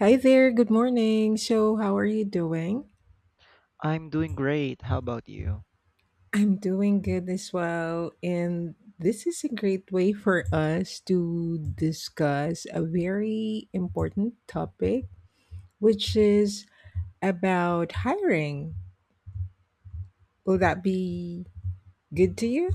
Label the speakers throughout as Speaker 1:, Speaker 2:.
Speaker 1: Hi there, good morning. So, how are you doing?
Speaker 2: I'm doing great. How about you?
Speaker 1: I'm doing good as well. And this is a great way for us to discuss a very important topic, which is about hiring. Will that be good to you?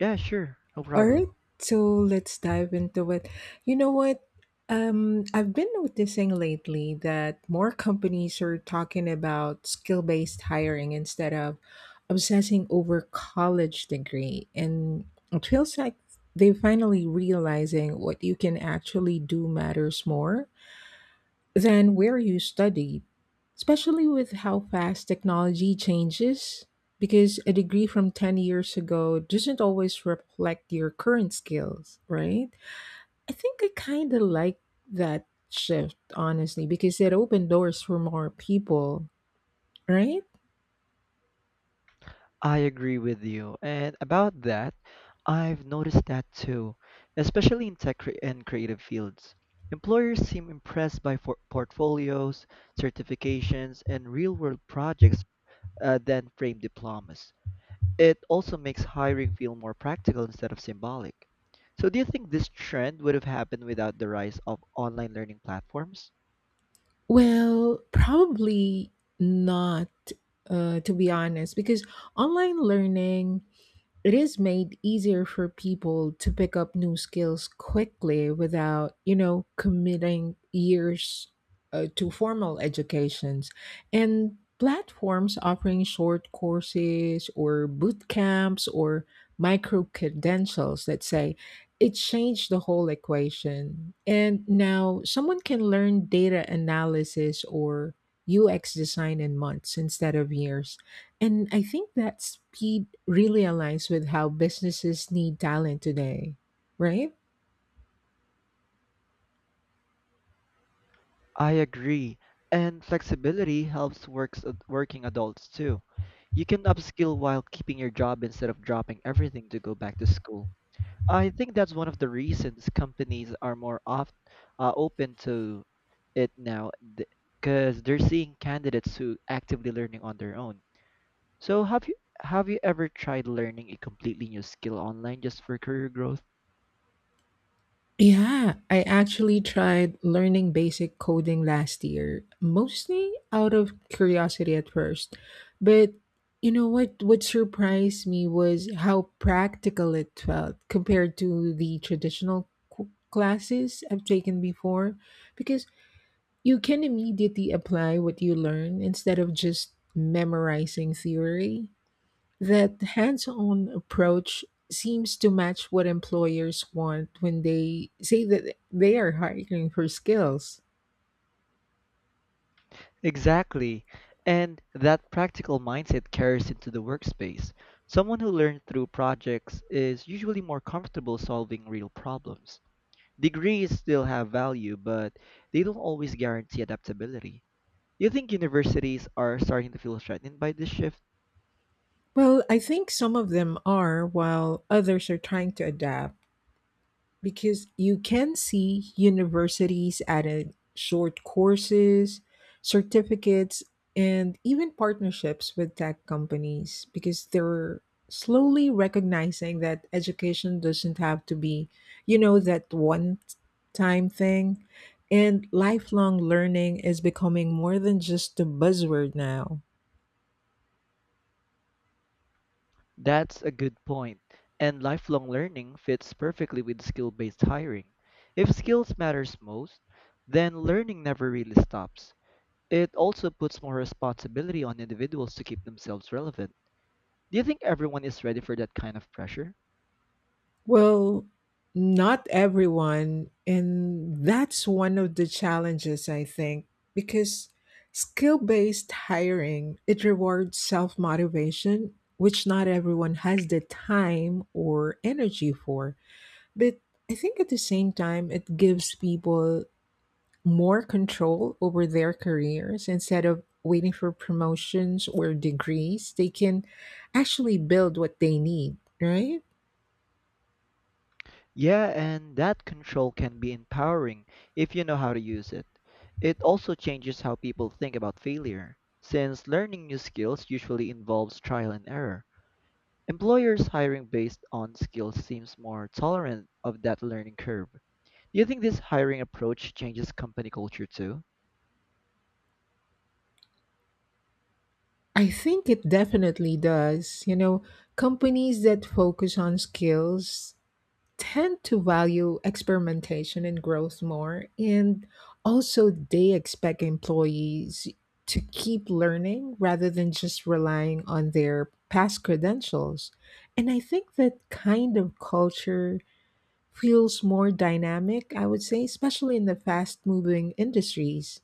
Speaker 2: Yeah, sure. No
Speaker 1: All
Speaker 2: problem.
Speaker 1: right, so let's dive into it. You know what? I've been noticing lately that more companies are talking about skill based hiring instead of obsessing over college degree. And it feels like they're finally realizing what you can actually do matters more than where you studied, especially with how fast technology changes, because a degree from 10 years ago doesn't always reflect your current skills, right? I think I kind of like that shift, honestly, because it opened doors for more people, right?
Speaker 2: I agree with you. And about that, I've noticed that too, especially in tech cre- and creative fields. Employers seem impressed by portfolios, certifications, and real-world projects than framed diplomas. It also makes hiring feel more practical instead of symbolic. So, do you think this trend would have happened without the rise of online learning platforms?
Speaker 1: Well, probably not, to be honest, because online learning it is made easier for people to pick up new skills quickly without, you know, committing years to formal educations. And platforms offering short courses or boot camps or micro credentials, let's say, it changed the whole equation. And now someone can learn data analysis or UX design in months instead of years. And I think that speed really aligns with how businesses need talent today, right?
Speaker 2: I agree. And flexibility helps works working adults too. You can upskill while keeping your job instead of dropping everything to go back to school. I think that's one of the reasons companies are more open to it now because they're seeing candidates who actively learning on their own. So have you ever tried learning a completely new skill online just for career growth?
Speaker 1: Yeah, I actually tried learning basic coding last year, mostly out of curiosity at first. But you know what surprised me was how practical it felt compared to the traditional classes I've taken before, because you can immediately apply what you learn instead of just memorizing theory. That hands-on approach seems to match what employers want when they say that they are hiring for skills.
Speaker 2: Exactly. And that practical mindset carries into the workspace. Someone who learned through projects is usually more comfortable solving real problems. Degrees still have value, but they don't always guarantee adaptability. Do you think universities are starting to feel threatened by this shift?
Speaker 1: Well, I think some of them are, while others are trying to adapt, because you can see universities added short courses, certificates, and even partnerships with tech companies because they're slowly recognizing that education doesn't have to be, you know, that one time thing. And lifelong learning is becoming more than just a buzzword now.
Speaker 2: That's a good point. And lifelong learning fits perfectly with skill based hiring. If skills matters most, then learning never really stops. It also puts more responsibility on individuals to keep themselves relevant. Do you think everyone is ready for that kind of pressure?
Speaker 1: Well, not everyone. And that's one of the challenges, I think, because skill based hiring, it rewards self motivation, which not everyone has the time or energy for. But I think at the same time, it gives people more control over their careers instead of waiting for promotions or degrees. They can actually build what they need, right?
Speaker 2: Yeah, and that control can be empowering if you know how to use it. It also changes how people think about failure, since learning new skills usually involves trial and error. Employers hiring based on skills seems more tolerant of that learning curve. Do you think this hiring approach changes company culture too?
Speaker 1: I think it definitely does. You know, companies that focus on skills tend to value experimentation and growth more. And also, they expect employees to keep learning rather than just relying on their past credentials. And I think that kind of culture feels more dynamic, I would say, especially in the fast moving industries.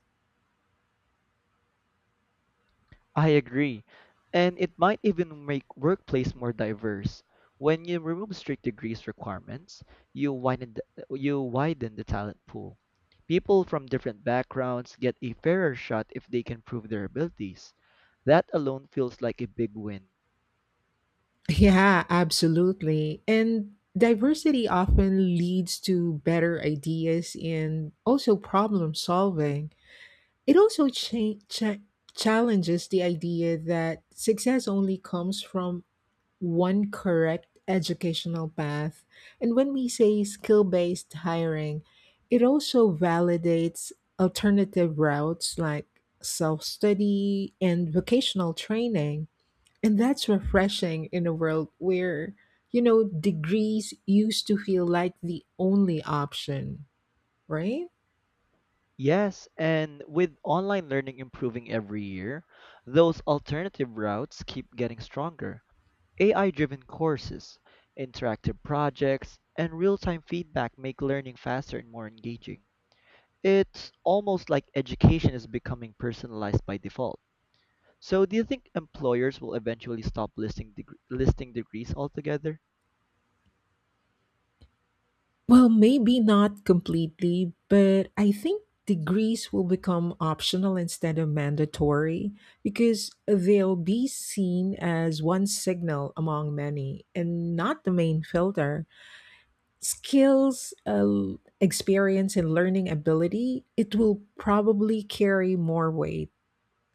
Speaker 2: I agree. And it might even make workplace more diverse. When you remove strict degrees requirements, you widen the talent pool. People from different backgrounds get a fairer shot if they can prove their abilities. That alone feels like a big win.
Speaker 1: Yeah, absolutely. And diversity often leads to better ideas and also problem solving. It also challenges the idea that success only comes from one correct educational path. And when we say skill based hiring, it also validates alternative routes like self study and vocational training, and that's refreshing in a world where, you know, degrees used to feel like the only option, right?
Speaker 2: Yes, and with online learning improving every year, those alternative routes keep getting stronger. AI-driven courses, interactive projects, and real-time feedback make learning faster and more engaging. It's almost like education is becoming personalized by default. So, do you think employers will eventually stop listing degrees altogether?
Speaker 1: Well, maybe not completely, but I think degrees will become optional instead of mandatory because they'll be seen as one signal among many and not the main filter. Skills, experience, and learning ability, it will probably carry more weight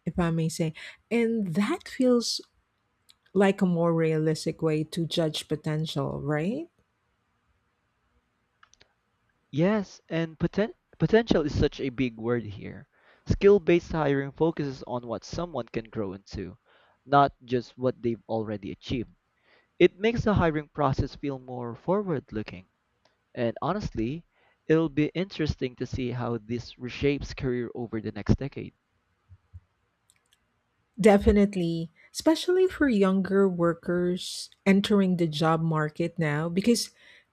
Speaker 1: if I may say. And that feels like a more realistic way to judge potential, right?
Speaker 2: Yes, and potential is such a big word here. Skill-based hiring focuses on what someone can grow into, not just what they've already achieved. It makes the hiring process feel more forward-looking. And honestly, it'll be interesting to see how this reshapes career over the next decade.
Speaker 1: Definitely, especially for younger workers entering the job market now, because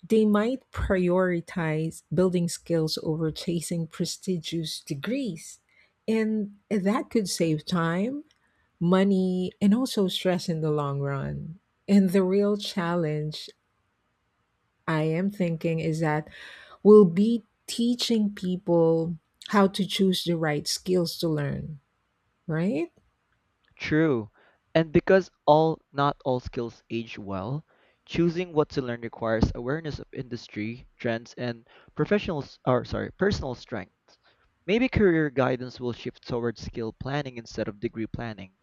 Speaker 1: they might prioritize building skills over chasing prestigious degrees. And that could save time, money, and also stress in the long run. And the real challenge I am thinking is that will be teaching people how to choose the right skills to learn, right?
Speaker 2: True. And because all not all skills age well, choosing what to learn requires awareness of industry, trends, and personal strengths. Maybe career guidance will shift towards skill planning instead of degree planning.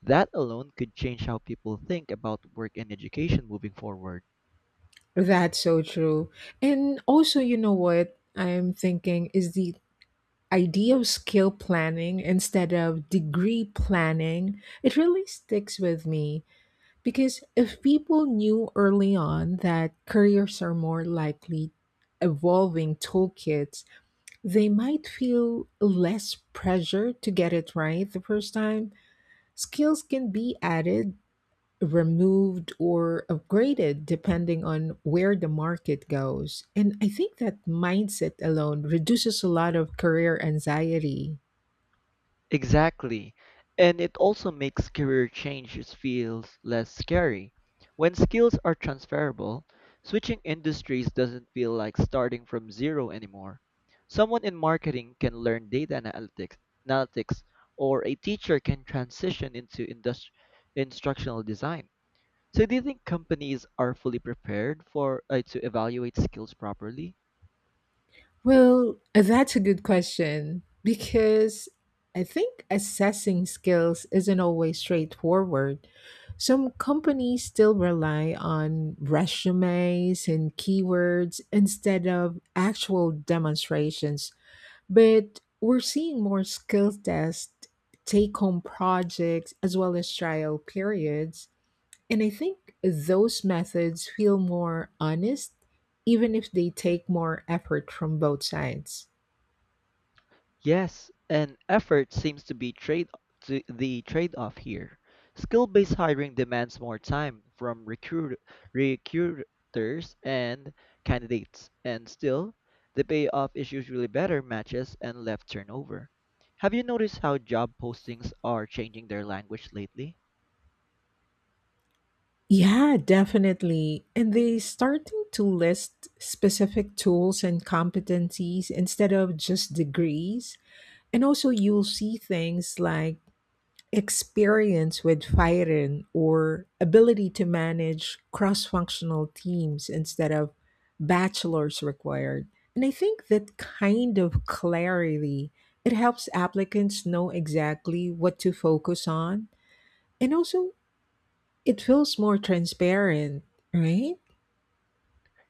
Speaker 2: That alone could change how people think about work and education moving forward.
Speaker 1: That's so true. And also, you know what I'm thinking is the idea of skill planning instead of degree planning. It really sticks with me because if people knew early on that careers are more likely evolving toolkits, they might feel less pressure to get it right the first time. Skills can be added, removed, or upgraded depending on where the market goes. And I think that mindset alone reduces a lot of career anxiety.
Speaker 2: Exactly. And it also makes career changes feels less scary. When skills are transferable, switching industries doesn't feel like starting from zero anymore. Someone in marketing can learn analytics or a teacher can transition into instructional design. So do you think companies are fully prepared for to evaluate skills properly?
Speaker 1: Well, that's a good question because I think assessing skills isn't always straightforward. Some companies still rely on resumes and keywords instead of actual demonstrations. But we're seeing more skill tests, take home projects, as well as trial periods. And I think those methods feel more honest, even if they take more effort from both sides.
Speaker 2: Yes, and effort seems to be trade to the trade-off here. Skill-based hiring demands more time from recruiters and candidates, and still, the payoff is usually better matches and left turnover. Have you noticed how job postings are changing their language lately?
Speaker 1: Yeah, definitely. And they starting to list specific tools and competencies instead of just degrees. And also you'll see things like experience with firing or ability to manage cross functional teams instead of bachelor's required. And I think that kind of clarity it helps applicants know exactly what to focus on, and also it feels more transparent, right?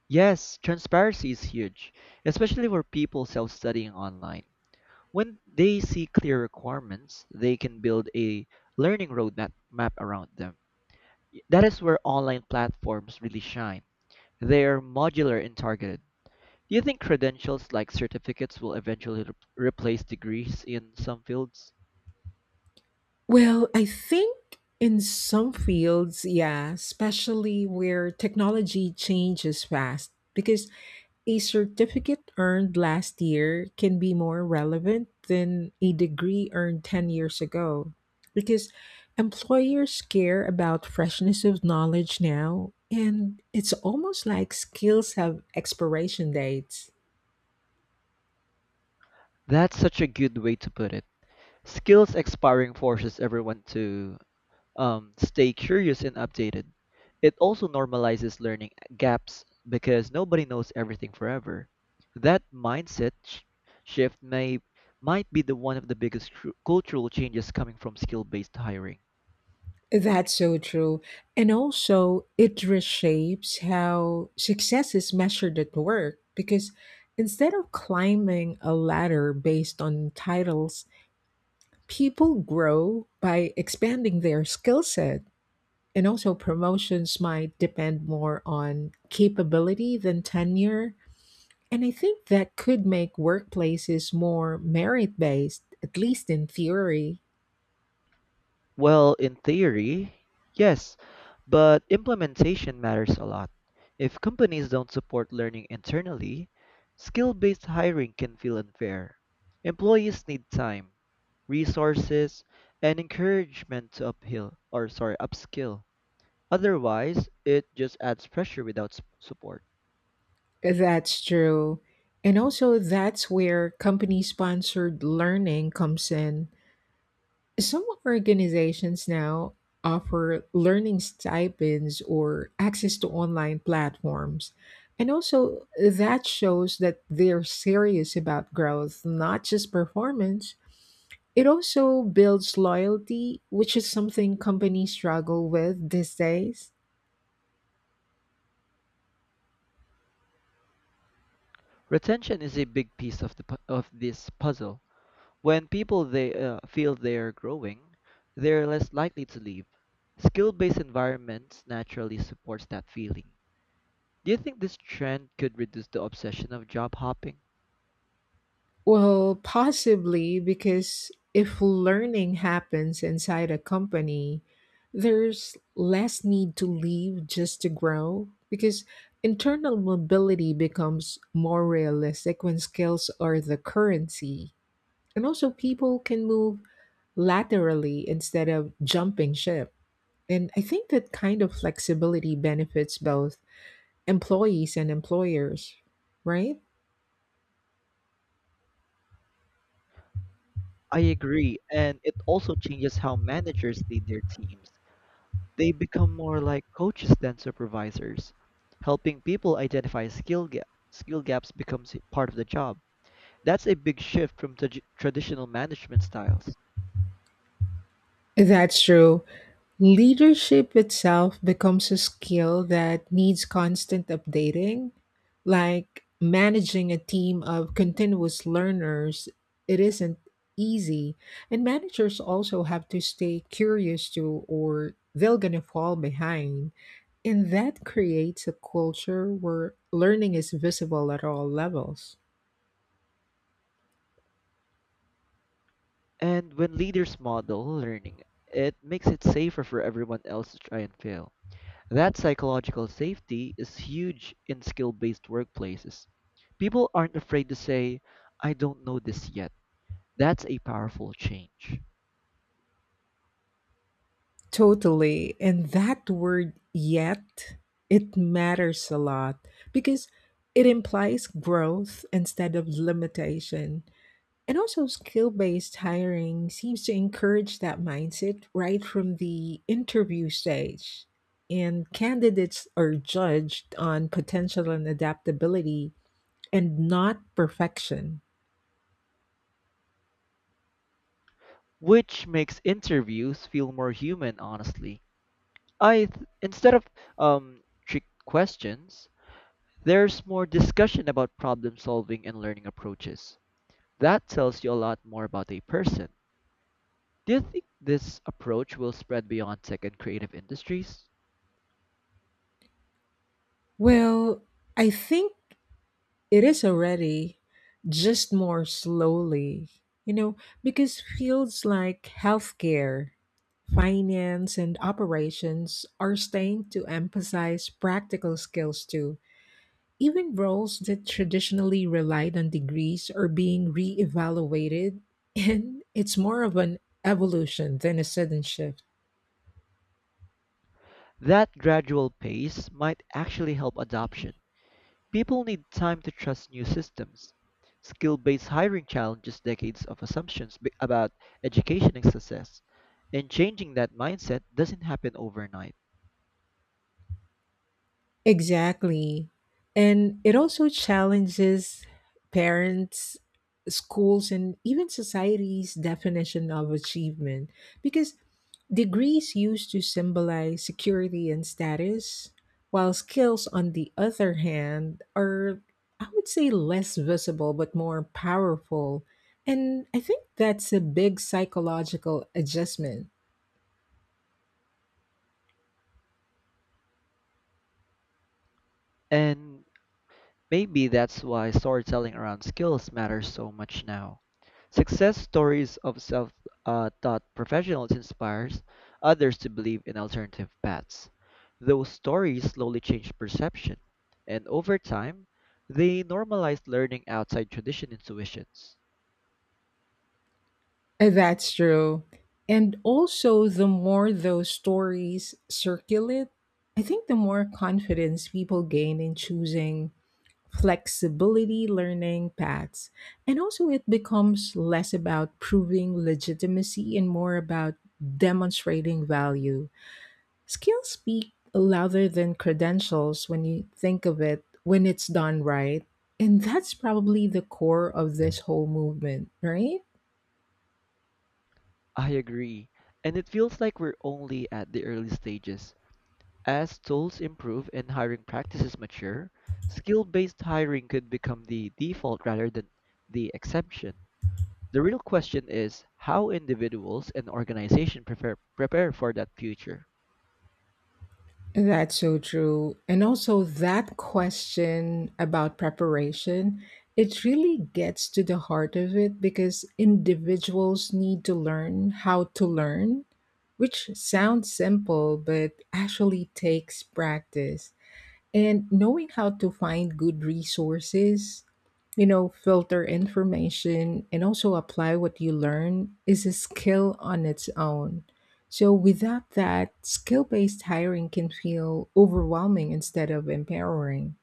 Speaker 2: Yes, transparency is huge, especially for people self-studying online. When they see clear requirements, they can build a learning roadmap map around them. That is where online platforms really shine. They are modular and targeted. Do you think credentials like certificates will eventually replace degrees in some fields?
Speaker 1: Well, I think in some fields, yeah, especially where technology changes fast, because a certificate earned last year can be more relevant than a degree earned 10 years ago. Because employers care about freshness of knowledge now, and it's almost like skills have expiration dates.
Speaker 2: That's such a good way to put it. Skills expiring forces everyone to stay curious and updated. It also normalizes learning gaps because nobody knows everything forever. That mindset sh- shift may might be the one of the biggest cultural changes coming from skill-based hiring.
Speaker 1: That's so true. And also, it reshapes how success is measured at work because instead of climbing a ladder based on titles, people grow by expanding their skill set. And also, promotions might depend more on capability than tenure. And I think that could make workplaces more merit based, at least in theory.
Speaker 2: Well, in theory, yes, but implementation matters a lot. If companies don't support learning internally, skill based hiring can feel unfair. Employees need time, resources, and encouragement to upskill. Otherwise, it just adds pressure without support.
Speaker 1: That's true. And also, that's where company sponsored learning comes in. Some organizations now offer learning stipends or access to online platforms. And also, that shows that they're serious about growth, not just performance. It also builds loyalty, which is something companies struggle with these days.
Speaker 2: Retention is a big piece of the pu- of this puzzle. When people they feel they're growing, they're less likely to leave. Skill-based environments naturally supports that feeling. Do you think this trend could reduce the obsession of job hopping?
Speaker 1: Well, possibly because if learning happens inside a company, there's less need to leave just to grow because internal mobility becomes more realistic when skills are the currency. And also, people can move laterally instead of jumping ship. And I think that kind of flexibility benefits both employees and employers, right?
Speaker 2: I agree, and it also changes how managers lead their teams. They become more like coaches than supervisors, helping people identify skill gaps becomes part of the job. That's a big shift from traditional management styles.
Speaker 1: That's true. Leadership itself becomes a skill that needs constant updating. Like managing a team of continuous learners, it isn't easy. And managers also have to stay curious too, or they're going to fall behind. And that creates a culture where learning is visible at all levels.
Speaker 2: And when leaders model learning, it makes it safer for everyone else to try and fail. That psychological safety is huge in skill based workplaces. People aren't afraid to say, "I don't know this yet." That's a powerful change.
Speaker 1: Totally. And that word yet, it matters a lot because it implies growth instead of limitation. And also, skill based hiring seems to encourage that mindset right from the interview stage. And candidates are judged on potential and adaptability and not perfection.
Speaker 2: Which makes interviews feel more human, honestly. Instead of um, trick questions, there's more discussion about problem solving and learning approaches. That tells you a lot more about a person. Do you think this approach will spread beyond tech and creative industries?
Speaker 1: Well, I think it is already, just more slowly, you know, because fields like healthcare, finance, and operations are staying to emphasize practical skills too. Even roles that traditionally relied on degrees are being reevaluated, and it's more of an evolution than a sudden shift.
Speaker 2: That gradual pace might actually help adoption. People need time to trust new systems. Skill based hiring challenges decades of assumptions about education and success, and changing that mindset doesn't happen overnight.
Speaker 1: Exactly. And it also challenges parents, schools, and even society's definition of achievement because degrees used to symbolize security and status, while skills, on the other hand, are, I would say, less visible but more powerful, and I think that's a big psychological adjustment.
Speaker 2: And Maybe that's why storytelling around skills matters so much now. Success stories of self-taught professionals inspires others to believe in alternative paths. Those stories slowly change perception, and over time, they normalize learning outside traditional intuitions.
Speaker 1: That's true. And also, the more those stories circulate, I think the more confidence people gain in choosing flexibility learning paths. And also, it becomes less about proving legitimacy and more about demonstrating value. Skills speak louder than credentials when you think of it, when it's done right. And that's probably the core of this whole movement, right?
Speaker 2: I agree, and it feels like we're only at the early stages. As tools improve and hiring practices mature, skill-based hiring could become the default rather than the exception. The real question is how individuals and organizations prepare for that future.
Speaker 1: That's so true. And also, that question about preparation, it really gets to the heart of it because individuals need to learn how to learn, which sounds simple, but actually takes practice. And knowing how to find good resources, you know, filter information, and also apply what you learn is a skill on its own. So, without that, skill based hiring can feel overwhelming instead of empowering.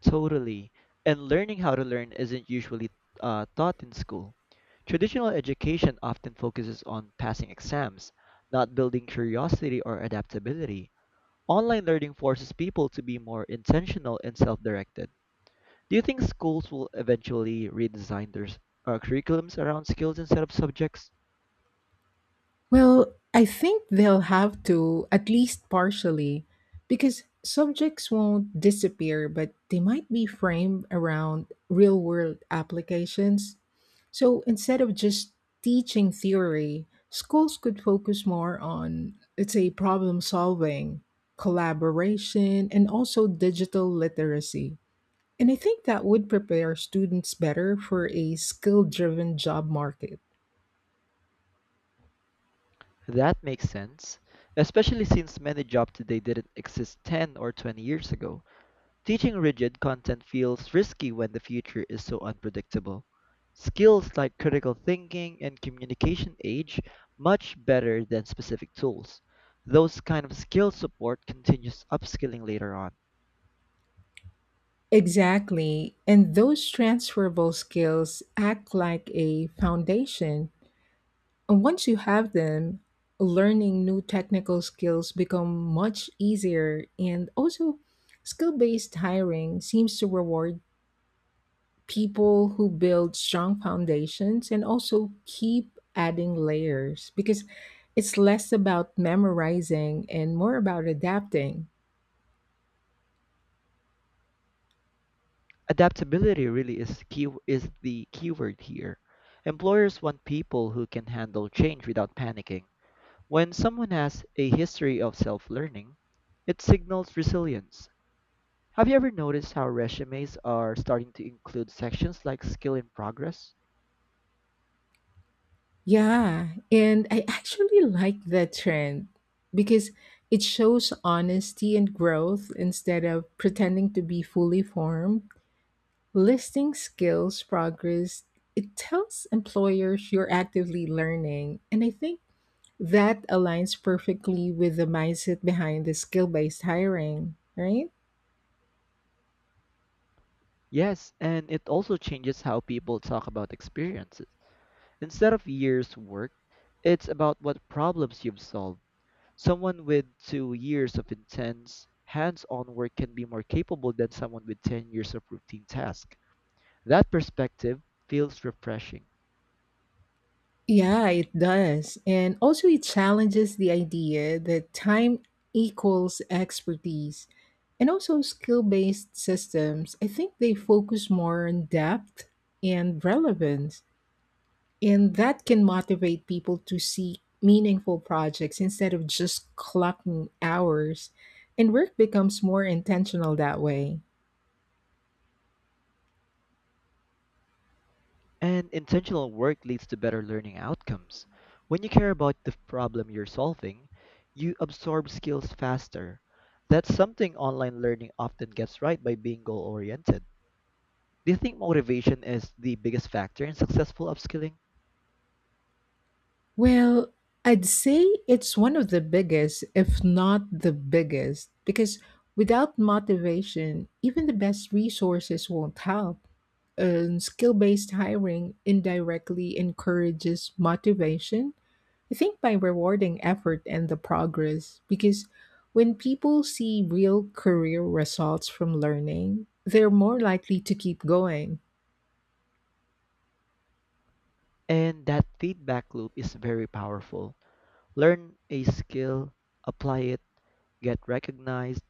Speaker 2: Totally. And learning how to learn isn't usually taught in school. Traditional education often focuses on passing exams, not building curiosity or adaptability. Online learning forces people to be more intentional and self directed. Do you think schools will eventually redesign their curriculums around skills instead of subjects?
Speaker 1: Well, I think they'll have to, at least partially, because subjects won't disappear, but they might be framed around real world applications. So instead of just teaching theory, schools could focus more on, let's say, problem solving, collaboration, and also digital literacy. And I think that would prepare students better for a skill driven job market.
Speaker 2: That makes sense, especially since many jobs today didn't exist 10 or 20 years ago. Teaching rigid content feels risky when the future is so unpredictable. Skills like critical thinking and communication age much better than specific tools. Those kind of skills support continuous upskilling later on.
Speaker 1: Exactly. And those transferable skills act like a foundation. And once you have them, learning new technical skills become much easier, and also skill-based hiring seems to reward people who build strong foundations and also keep adding layers because it's less about memorizing and more about adapting.
Speaker 2: Adaptability really is the keyword here. Employers want people who can handle change without panicking. When someone has a history of self-learning, it signals resilience. Have you ever noticed how resumes are starting to include sections like skill in progress?
Speaker 1: Yeah, and I actually like that trend because it shows honesty and growth instead of pretending to be fully formed. Listing skills progress, it tells employers you're actively learning. And I think that aligns perfectly with the mindset behind the skill based hiring, right?
Speaker 2: Yes, and it also changes how people talk about experiences. Instead of years worked, it's about what problems you've solved. Someone with 2 years of intense, hands on work can be more capable than someone with 10 years of routine tasks. That perspective feels refreshing.
Speaker 1: Yeah, it does. And also, it challenges the idea that time equals expertise. And also, skill based systems, I think they focus more on depth and relevance. And that can motivate people to seek meaningful projects instead of just clocking hours. And work becomes more intentional that way.
Speaker 2: And intentional work leads to better learning outcomes. When you care about the problem you're solving, you absorb skills faster. That's something online learning often gets right by being goal oriented. Do you think motivation is the biggest factor in successful upskilling?
Speaker 1: Well, I'd say it's one of the biggest, if not the biggest, because without motivation, even the best resources won't help. And skill based hiring indirectly encourages motivation, I think, by rewarding effort and the progress, because when people see real career results from learning, they're more likely to keep going.
Speaker 2: And that feedback loop is very powerful. Learn a skill, apply it, get recognized,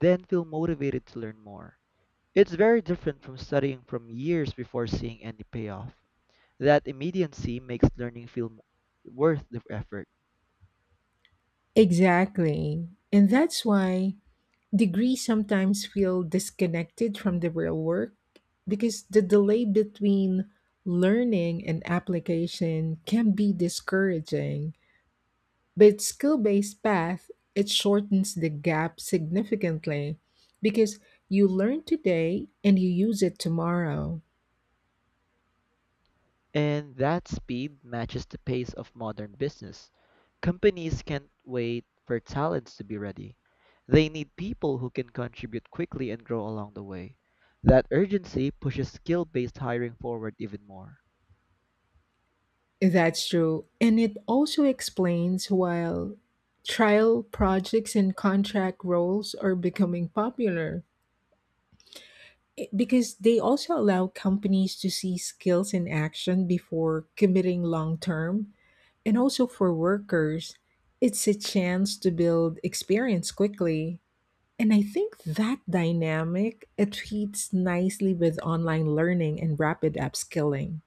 Speaker 2: then feel motivated to learn more. It's very different from studying from years before seeing any payoff. That immediacy makes worth the effort.
Speaker 1: Exactly. And that's why degrees sometimes feel disconnected from the real work because the delay between learning and application can be discouraging. But skill based path, it shortens the gap significantly because you learn today and you use it tomorrow.
Speaker 2: And that speed matches the pace of modern business. Companies can't wait for talents to be ready. They need people who can contribute quickly and grow along the way. That urgency pushes skill based hiring forward even more.
Speaker 1: That's true. And it also explains why trial projects and contract roles are becoming popular because they also allow companies to see skills in action before committing long term. And also for workers, it's a chance to build experience quickly. And I think that dynamic it fits nicely with online learning and rapid upskilling.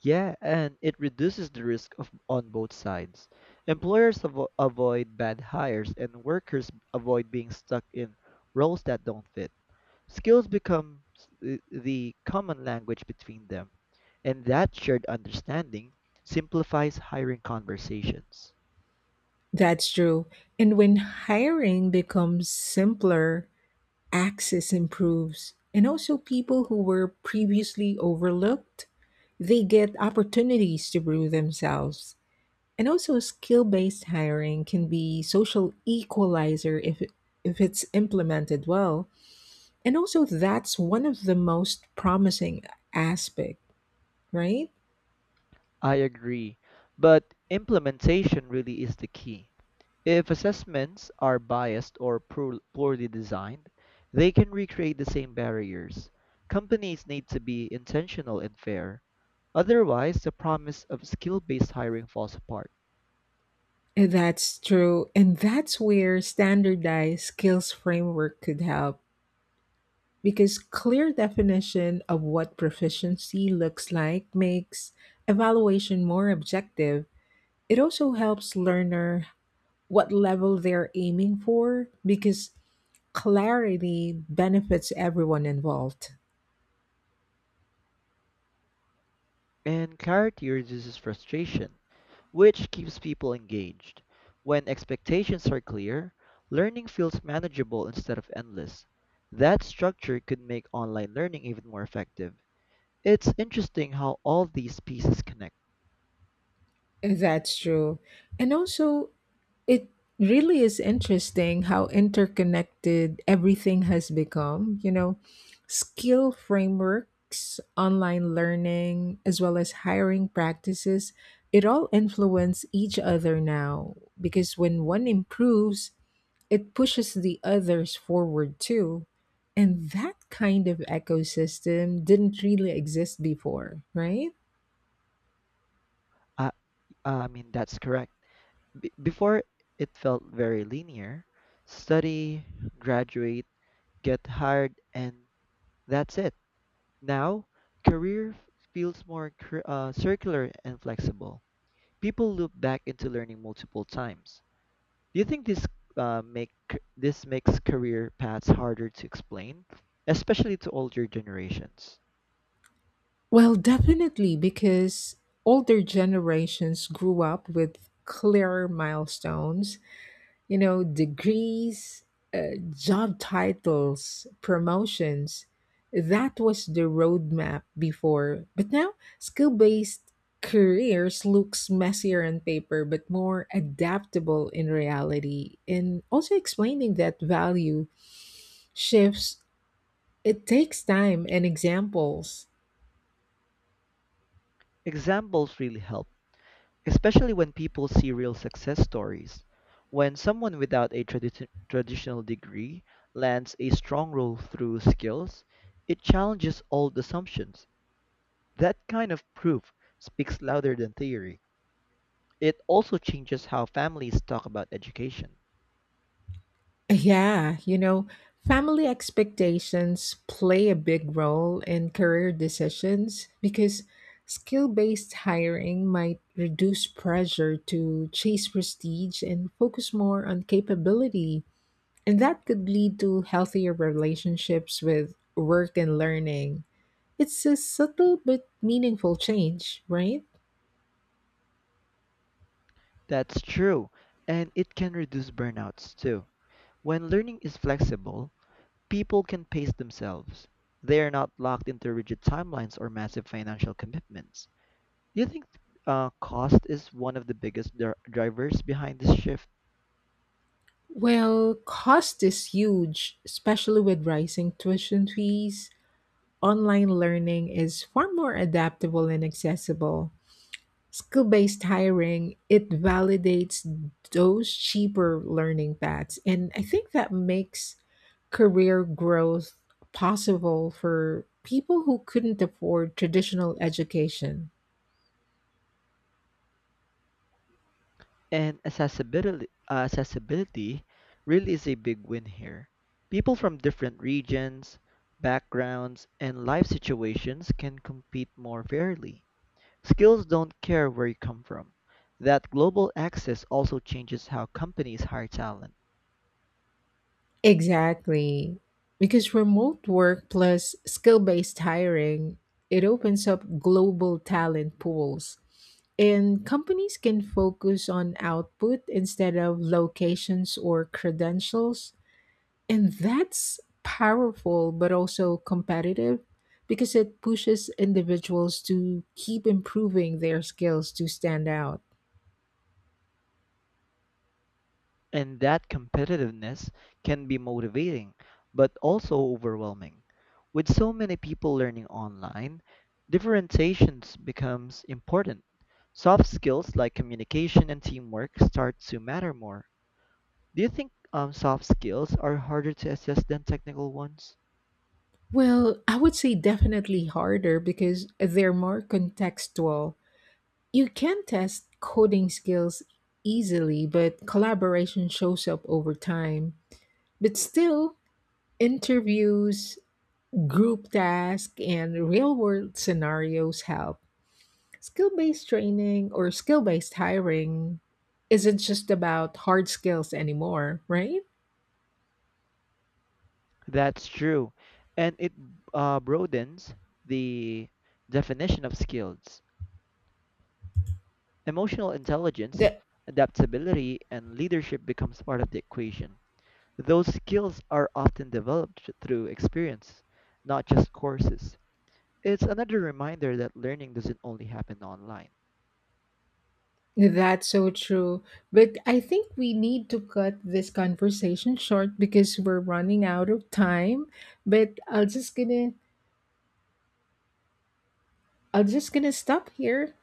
Speaker 2: Yeah, and it reduces the risk of on both sides. Employers avoid bad hires and workers avoid being stuck in roles that don't fit. Skills become the common language between them, and that shared understanding simplifies hiring conversations.
Speaker 1: That's true. And when hiring becomes simpler, access improves, and also people who were previously overlooked they get opportunities to prove themselves. And also skill-based hiring can be social equalizer if it's implemented well. And also that's one of the most promising aspect, right?
Speaker 2: I agree, but implementation really is the key. If assessments are biased or poorly designed, they can recreate the same barriers. Companies need to be intentional and fair; otherwise, the promise of skill based hiring falls apart.
Speaker 1: That's true, and that's where standardized skills framework could help because clear definition of what proficiency looks like makes evaluation more objective. It also helps learner what level they're aiming for because clarity benefits everyone involved.
Speaker 2: And clarity reduces frustration, which keeps people engaged. When expectations are clear, learning feels manageable instead of endless. That structure could make online learning even more effective. It's interesting how all these pieces connect.
Speaker 1: That's true. And also it really is interesting how interconnected everything has become. You know, skill frameworks, online learning, as well as hiring practices, it all influence each other now because when one improves, it pushes the others forward too. And that kind of ecosystem didn't really exist before, right?
Speaker 2: That's correct. Before, it felt very linear. Study, graduate, get hired, and that's it. Now, career f- feels more circular and flexible. People loop back into learning multiple times. Do you think this makes career paths harder to explain, especially to older generations?
Speaker 1: Well, definitely, because older generations grew up with clearer milestones, you know, degrees, job titles, promotions. That was the roadmap before. But now, skill based careers looks messier on paper but more adaptable in reality. And also explaining that value shifts, it takes time and examples.
Speaker 2: Examples really help, especially when people see real success stories. When someone without a traditional degree lands a strong role through skills, it challenges old assumptions. That kind of proof speaks louder than theory. It also changes how families talk about education.
Speaker 1: Yeah, you know, family expectations play a big role in career decisions because skill based hiring might reduce pressure to chase prestige and focus more on capability. And that could lead to healthier relationships with work and learning. It's a subtle but meaningful change, right?
Speaker 2: That's true, and it can reduce burnouts too. When learning is flexible, people can pace themselves. They are not locked into rigid timelines or massive financial commitments. Do you think cost is one of the biggest drivers behind this shift?
Speaker 1: Well, cost is huge. Especially with rising tuition fees, online learning is far more adaptable and accessible. Skill based hiring, it validates those cheaper learning paths. And I think that makes career growth possible for people who couldn't afford traditional education.
Speaker 2: And accessibility really is a big win here. People from different regions, backgrounds, and life situations can compete more fairly. Skills don't care where you come from. That global access also changes how companies hire talent.
Speaker 1: Exactly. Because remote work plus skill based hiring, it opens up global talent pools. And companies can focus on output instead of locations or credentials. And that's powerful, but also competitive because it pushes individuals to keep improving their skills to stand out.
Speaker 2: And that competitiveness can be motivating, but also overwhelming. With so many people learning online, differentiations becomes important. Soft skills like communication and teamwork start to matter more. Do you think soft skills are harder to assess than technical ones?
Speaker 1: Well, I would say definitely harder because they're more contextual. You can test coding skills easily, but collaboration shows up over time. But still, interviews, group tasks, and real world scenarios help. Skill based training or skill based hiring isn't just about hard skills anymore, right?
Speaker 2: That's true, and it broadens the definition of skills. Emotional intelligence,
Speaker 1: That,
Speaker 2: adaptability, and leadership becomes part of the equation. Those skills are often developed through experience, not just courses. It's another reminder that learning doesn't only happen online.
Speaker 1: that's so true. But I think we need to cut this conversation short because we're running out of time. But I'll just gonna I'm just gonna stop here.